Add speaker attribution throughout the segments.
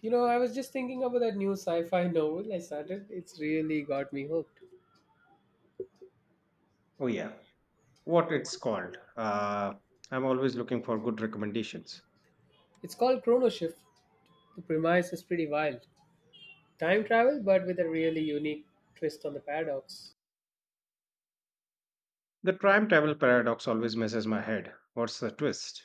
Speaker 1: You know, I was just thinking about that new sci fi novel I started. It's really got me hooked.
Speaker 2: Oh yeah, what it's called. I'm always looking for good recommendations.
Speaker 1: It's called Chrono Shift. The premise is pretty wild time travel, but with a really unique twist on the paradox.
Speaker 2: The time travel paradox always messes my head. What's the twist?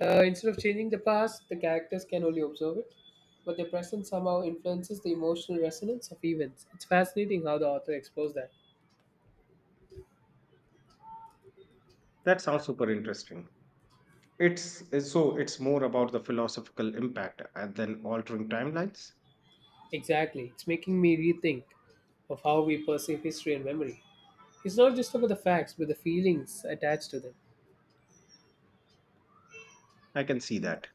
Speaker 1: Instead of changing the past, the characters can only observe it, but their presence somehow influences the emotional resonance of events. It's fascinating how the author explores that.
Speaker 2: That sounds super interesting. So it's more about the philosophical impact than altering timelines.
Speaker 1: Exactly. It's making me rethink of how we perceive history and memory. It's not just about the facts, but the feelings attached to them.
Speaker 2: I can see that.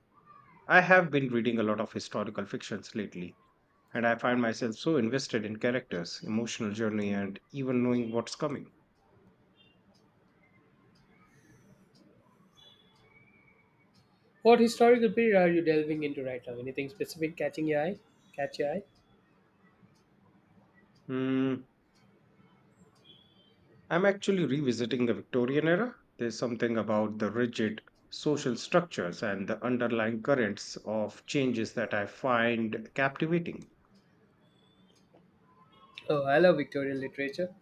Speaker 2: I have been reading a lot of historical fictions lately, and I find myself so invested in characters, emotional journey, and even knowing what's coming.
Speaker 1: What historical period are you delving into right now? Anything specific catching your eye? Catch your eye?
Speaker 2: Hmm. I'm actually revisiting the Victorian era. There's something about the rigid social structures and the underlying currents of changes that I find captivating.
Speaker 1: Oh, I love Victorian literature.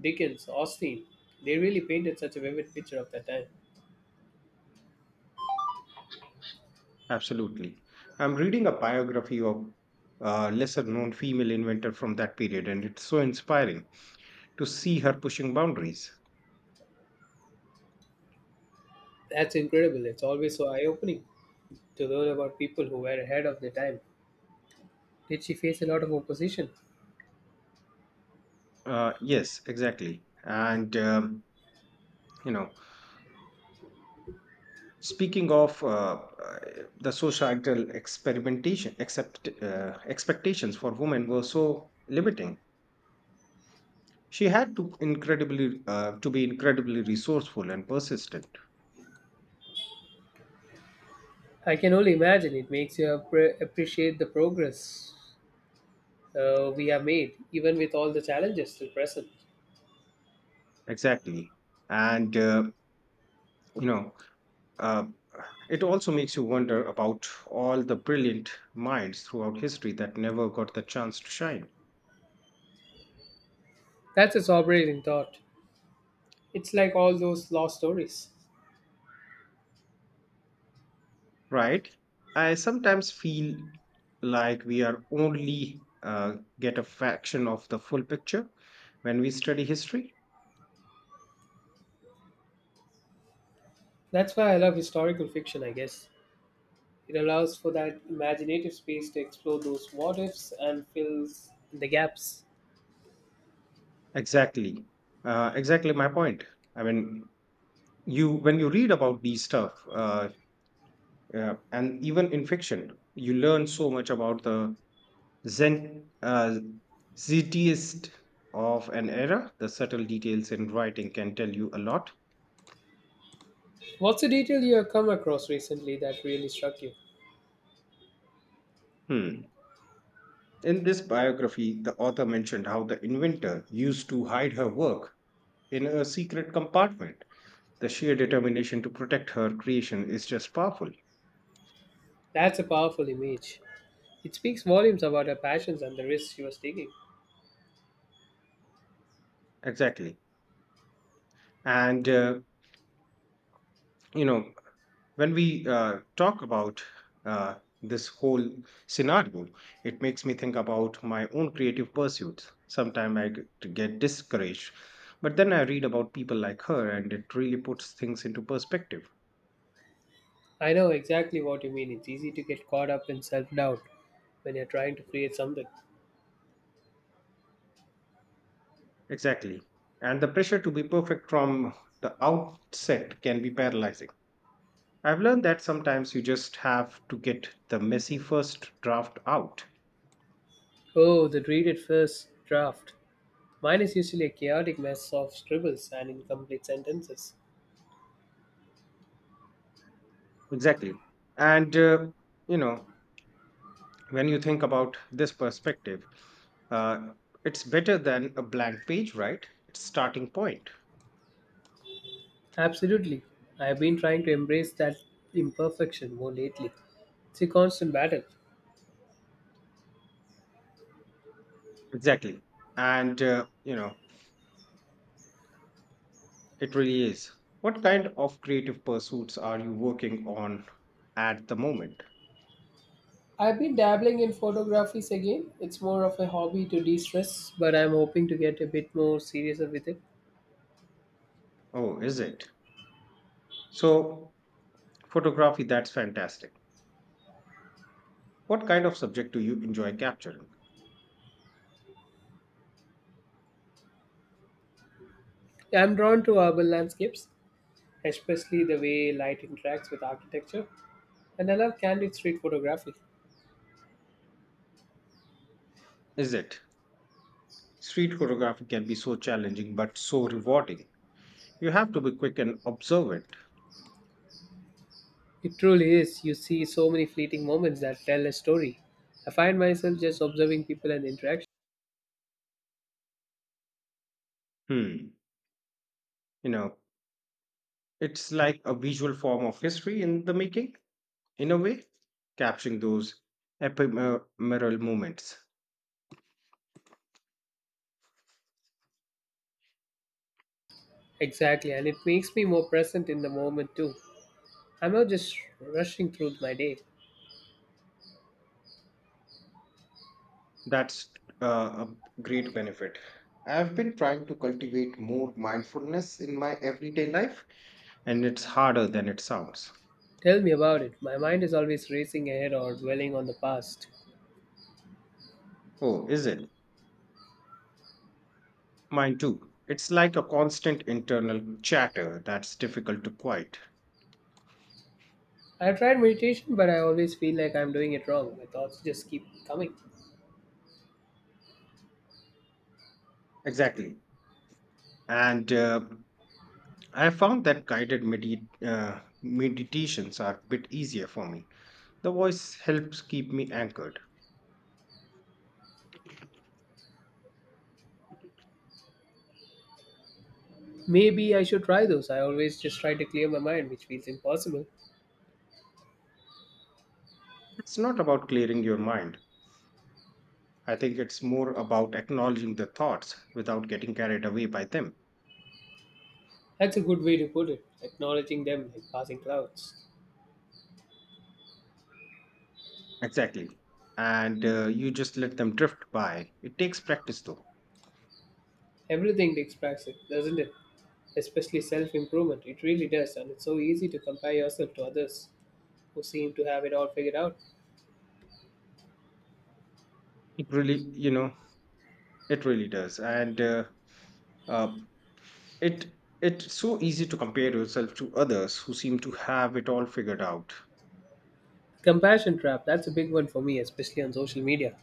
Speaker 1: Dickens, Austen. They really painted such a vivid picture of that time.
Speaker 2: Absolutely. I'm reading a biography of a lesser known female inventor from that period, and it's so inspiring to see her pushing boundaries.
Speaker 1: That's incredible. It's always so eye opening to learn about people who were ahead of their time. Did she face a lot of opposition?
Speaker 2: Yes, exactly. You know, Speaking of uh, the societal experimentation, except expectations for women were so limiting. She had to be incredibly resourceful and persistent.
Speaker 1: I can only imagine. It makes you appreciate the progress we have made, even with all the challenges still present.
Speaker 2: Exactly, and you know, uh, it also makes you wonder about all the brilliant minds throughout history that never got the chance to shine.
Speaker 1: That's a sobering thought. It's like all those lost stories.
Speaker 2: Right, I sometimes feel like we are only get a fraction of the full picture when we study history.
Speaker 1: That's why I love historical fiction, I guess. It allows for that imaginative space to explore those what ifs and fills the gaps.
Speaker 2: Exactly. Exactly my point. I mean, you when you read about these stuff, and even in fiction you learn so much about the zen uh, zetiest of an era. The subtle details in writing can tell you a lot.
Speaker 1: What's a detail you have come across recently that really struck you?
Speaker 2: Hmm. In this biography, the author mentioned how the inventor used to hide her work in a secret compartment. The sheer determination to protect her creation is just powerful.
Speaker 1: That's a powerful image. It speaks volumes about her passions and the risks she was taking.
Speaker 2: Exactly. And, you know, when we talk about uh, this whole scenario, it makes me think about my own creative pursuits. Sometimes I get discouraged. But then I read about people like her, and it really puts things into perspective.
Speaker 1: I know exactly what you mean. It's easy to get caught up in self doubt when you're trying to create something.
Speaker 2: Exactly. And the pressure to be perfect from the outset can be paralyzing. I've learned that sometimes you just have to get the messy first draft out.
Speaker 1: Oh, the dreaded first draft. Mine is usually a chaotic mess of scribbles and incomplete sentences.
Speaker 2: Exactly. And, uh, you know, when you think about this perspective, uh, it's better than a blank page, right? It's starting point.
Speaker 1: Absolutely. I have been trying to embrace that imperfection more lately. It's a constant battle.
Speaker 2: Exactly. And, uh, you know, it really is. What kind of creative pursuits are you working on at the moment?
Speaker 1: I've been dabbling in photographies again. It's more of a hobby to de stress, but I'm hoping to get a bit more serious with it.
Speaker 2: Oh, is it? So, Photography, that's fantastic. What kind of subject do you enjoy capturing?
Speaker 1: I'm drawn to urban landscapes, especially the way light interacts with architecture, and I love candid street photography.
Speaker 2: Is it? Street photography can be so challenging but so rewarding. You have to be quick and observant.
Speaker 1: It truly is. You see so many fleeting moments that tell a story. I find myself just observing people and interaction.
Speaker 2: Hmm. You know, it's like a visual form of history in the making, in a way, capturing those ephemeral moments.
Speaker 1: Exactly, and it makes me more present in the moment too. I'm not just rushing through my day.
Speaker 2: That's a great benefit. I've been trying to cultivate more mindfulness in my everyday life, and it's harder than it sounds.
Speaker 1: Tell me about it. My mind is always racing ahead or dwelling on the past.
Speaker 2: Oh, is it? Mine too. It's like a constant internal chatter that's difficult to quiet.
Speaker 1: I tried meditation, but I always feel like I'm doing it wrong. My thoughts just keep coming.
Speaker 2: Exactly. And I found that guided meditations are a bit easier for me. The voice helps keep me anchored.
Speaker 1: Maybe I should try those. I always just try to clear my mind, which feels impossible.
Speaker 2: It's not about clearing your mind. I think it's more about acknowledging the thoughts without getting carried away by them.
Speaker 1: That's a good way to put it. Acknowledging them like passing clouds.
Speaker 2: Exactly. And You just let them drift by. It takes practice though.
Speaker 1: Everything takes practice, doesn't it? Especially self improvement. It really does, and it's so easy to compare yourself to others who seem to have it all figured out.
Speaker 2: It really, you know, it really does. And uh, uh, It it's so easy to compare yourself to others who seem to have it all figured out.
Speaker 1: Compassion trap, that's a big one for me, especially on social media.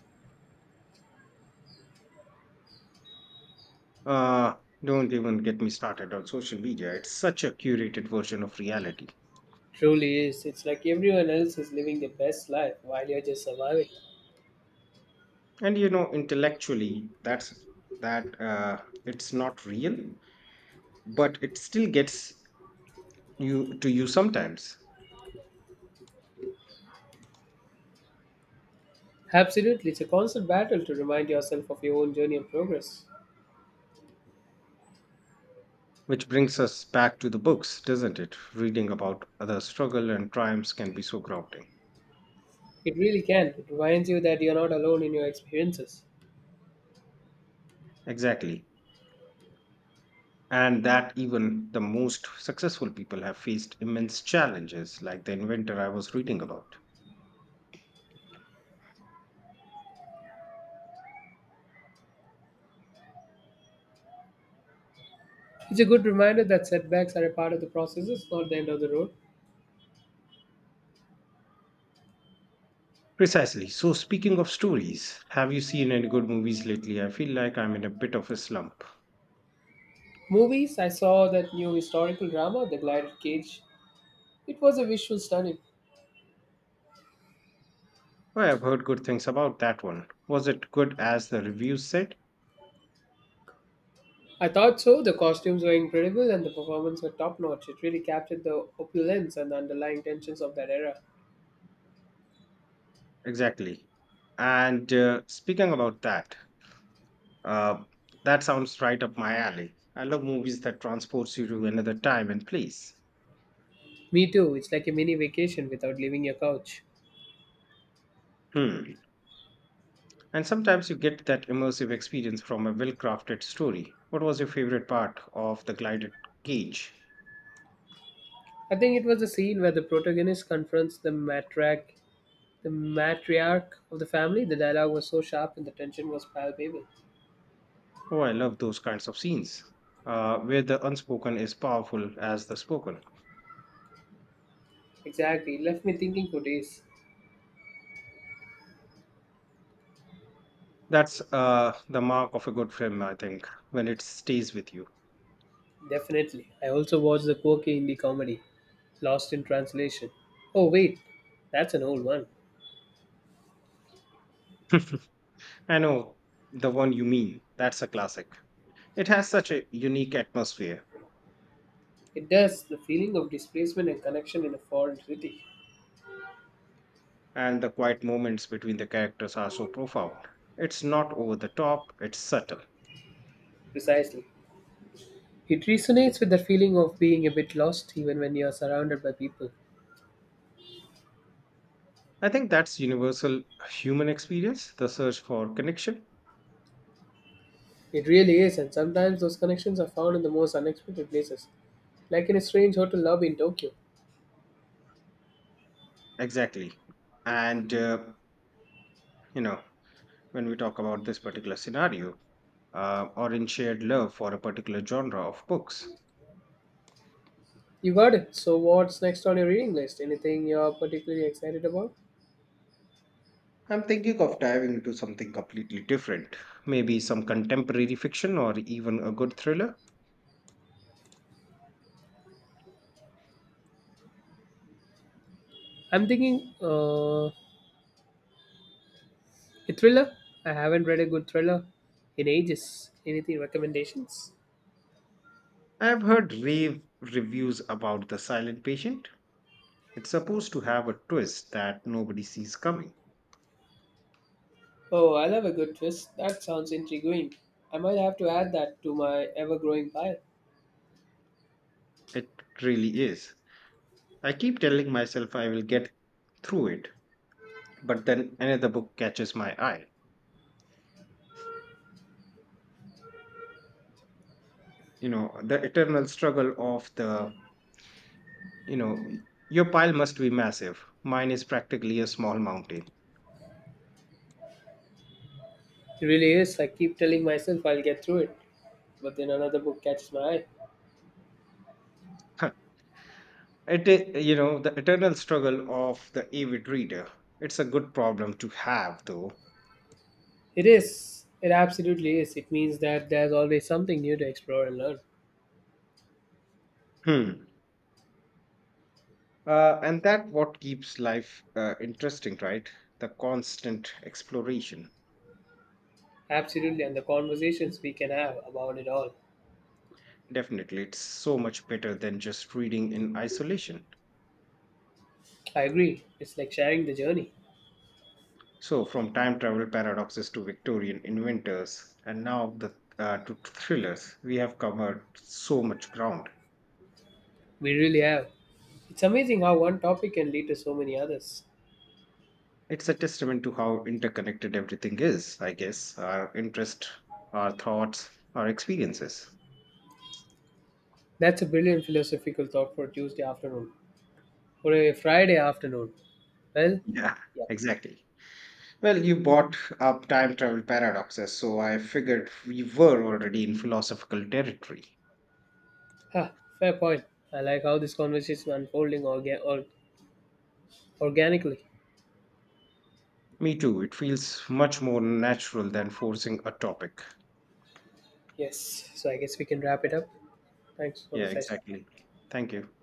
Speaker 2: Uh don't even get me started on social media. It's such a curated version of reality.
Speaker 1: Truly is. It's like everyone else is living their best life while you're just surviving.
Speaker 2: And you know, intellectually, that it's not real, but it still gets you to you sometimes.
Speaker 1: Absolutely, it's a constant battle to remind yourself of your own journey and progress.
Speaker 2: Which brings us back to the books, doesn't it? Reading about other struggle and triumphs can be so grounding.
Speaker 1: It really can. It reminds you that you're not alone in your experiences.
Speaker 2: Exactly, and that even the most successful people have faced immense challenges, like the inventor I was reading about.
Speaker 1: It's a good reminder that setbacks are a part of the processes, not the end of the road.
Speaker 2: Precisely. So, speaking of stories, have you seen any good movies lately? I feel like I'm in a bit of a slump.
Speaker 1: Movies, I saw that new historical drama, The Glided Cage. It was a visual stunning.
Speaker 2: Well, I've heard good things about that one. Was it good as the reviews said?
Speaker 1: I thought so. The costumes were incredible and the performances were top notch. It really captured the opulence and the underlying tensions of that era.
Speaker 2: Exactly. And speaking about that, uh, that sounds right up my alley. I love movies that transports you to another time and place.
Speaker 1: Me too, it's like a mini vacation without leaving your couch.
Speaker 2: Hmm. And sometimes you get that immersive experience from a well crafted story. What was your favorite part of the glided cage?
Speaker 1: I think it was the scene where the protagonist confronts the matriarch of the family. The dialogue was so sharp and the tension was palpable.
Speaker 2: Oh, I love those kinds of scenes where the unspoken is powerful as the spoken.
Speaker 1: Exactly, it left me thinking for days.
Speaker 2: That's the mark of a good film, I think, when it stays with you.
Speaker 1: Definitely. I also watched the quirky indie comedy, Lost in Translation. Oh, wait, that's an old one.
Speaker 2: I know the one you mean. That's a classic. It has such a unique atmosphere,
Speaker 1: It does, the feeling of displacement and connection in a foreign city.
Speaker 2: and the quiet moments between the characters are so profound. It's not over the top, it's subtle.
Speaker 1: Precisely. It resonates with the feeling of being a bit lost even when you are surrounded by people.
Speaker 2: I think that's universal human experience, the search for connection.
Speaker 1: It really is, and sometimes those connections are found in the most unexpected places, like in a strange hotel lobby in Tokyo.
Speaker 2: Exactly. And, uh, you know, when we talk about this particular scenario, or in shared love for a particular genre of books.
Speaker 1: You got it. So, what's next on your reading list? Anything you're particularly excited about?
Speaker 2: I'm thinking of diving into something completely different, maybe some contemporary fiction or even a good thriller.
Speaker 1: I'm thinking a thriller. I haven't read a good thriller in ages. Anything recommendations?
Speaker 2: I've heard rave reviews about The Silent Patient. It's supposed to have a twist that nobody sees coming.
Speaker 1: Oh, I love a good twist. That sounds intriguing. I might have to add that to my ever growing pile.
Speaker 2: It really is. I keep telling myself I will get through it, but then another book catches my eye you know the eternal struggle of the you know Your pile must be massive. Mine is practically a small mountain.
Speaker 1: It really is. I keep telling myself I'll get through it, but then another book catches my eye.
Speaker 2: Huh. It is, you know, the eternal struggle of the avid reader. It's a good problem to have though.
Speaker 1: It is. It absolutely is. It means that there's always something new to explore and learn.
Speaker 2: Hmm. And that what keeps life interesting, right? The constant exploration.
Speaker 1: Absolutely, and the conversations we can have about it all.
Speaker 2: Definitely, it's so much better than just reading in isolation.
Speaker 1: I agree. It's like sharing the journey.
Speaker 2: So, from time travel paradoxes to Victorian inventors, and now to thrillers, we have covered so much ground.
Speaker 1: We really have. It's amazing how one topic can lead to so many others.
Speaker 2: It's a testament to how interconnected everything is, I guess, our interest, our thoughts, our experiences.
Speaker 1: That's a brilliant philosophical thought for a Tuesday afternoon or a Friday afternoon. Well,
Speaker 2: Yeah,
Speaker 1: yeah.
Speaker 2: exactly. Well, you brought up time travel paradoxes, so I figured we were already in philosophical territory.
Speaker 1: Ha, fair point. I like how this conversation is unfolding organically.
Speaker 2: Me too, it feels much more natural than forcing a topic.
Speaker 1: Yes. So I guess we can wrap it up. Thanks for
Speaker 2: Yeah,
Speaker 1: the session.
Speaker 2: exactly. Thank you.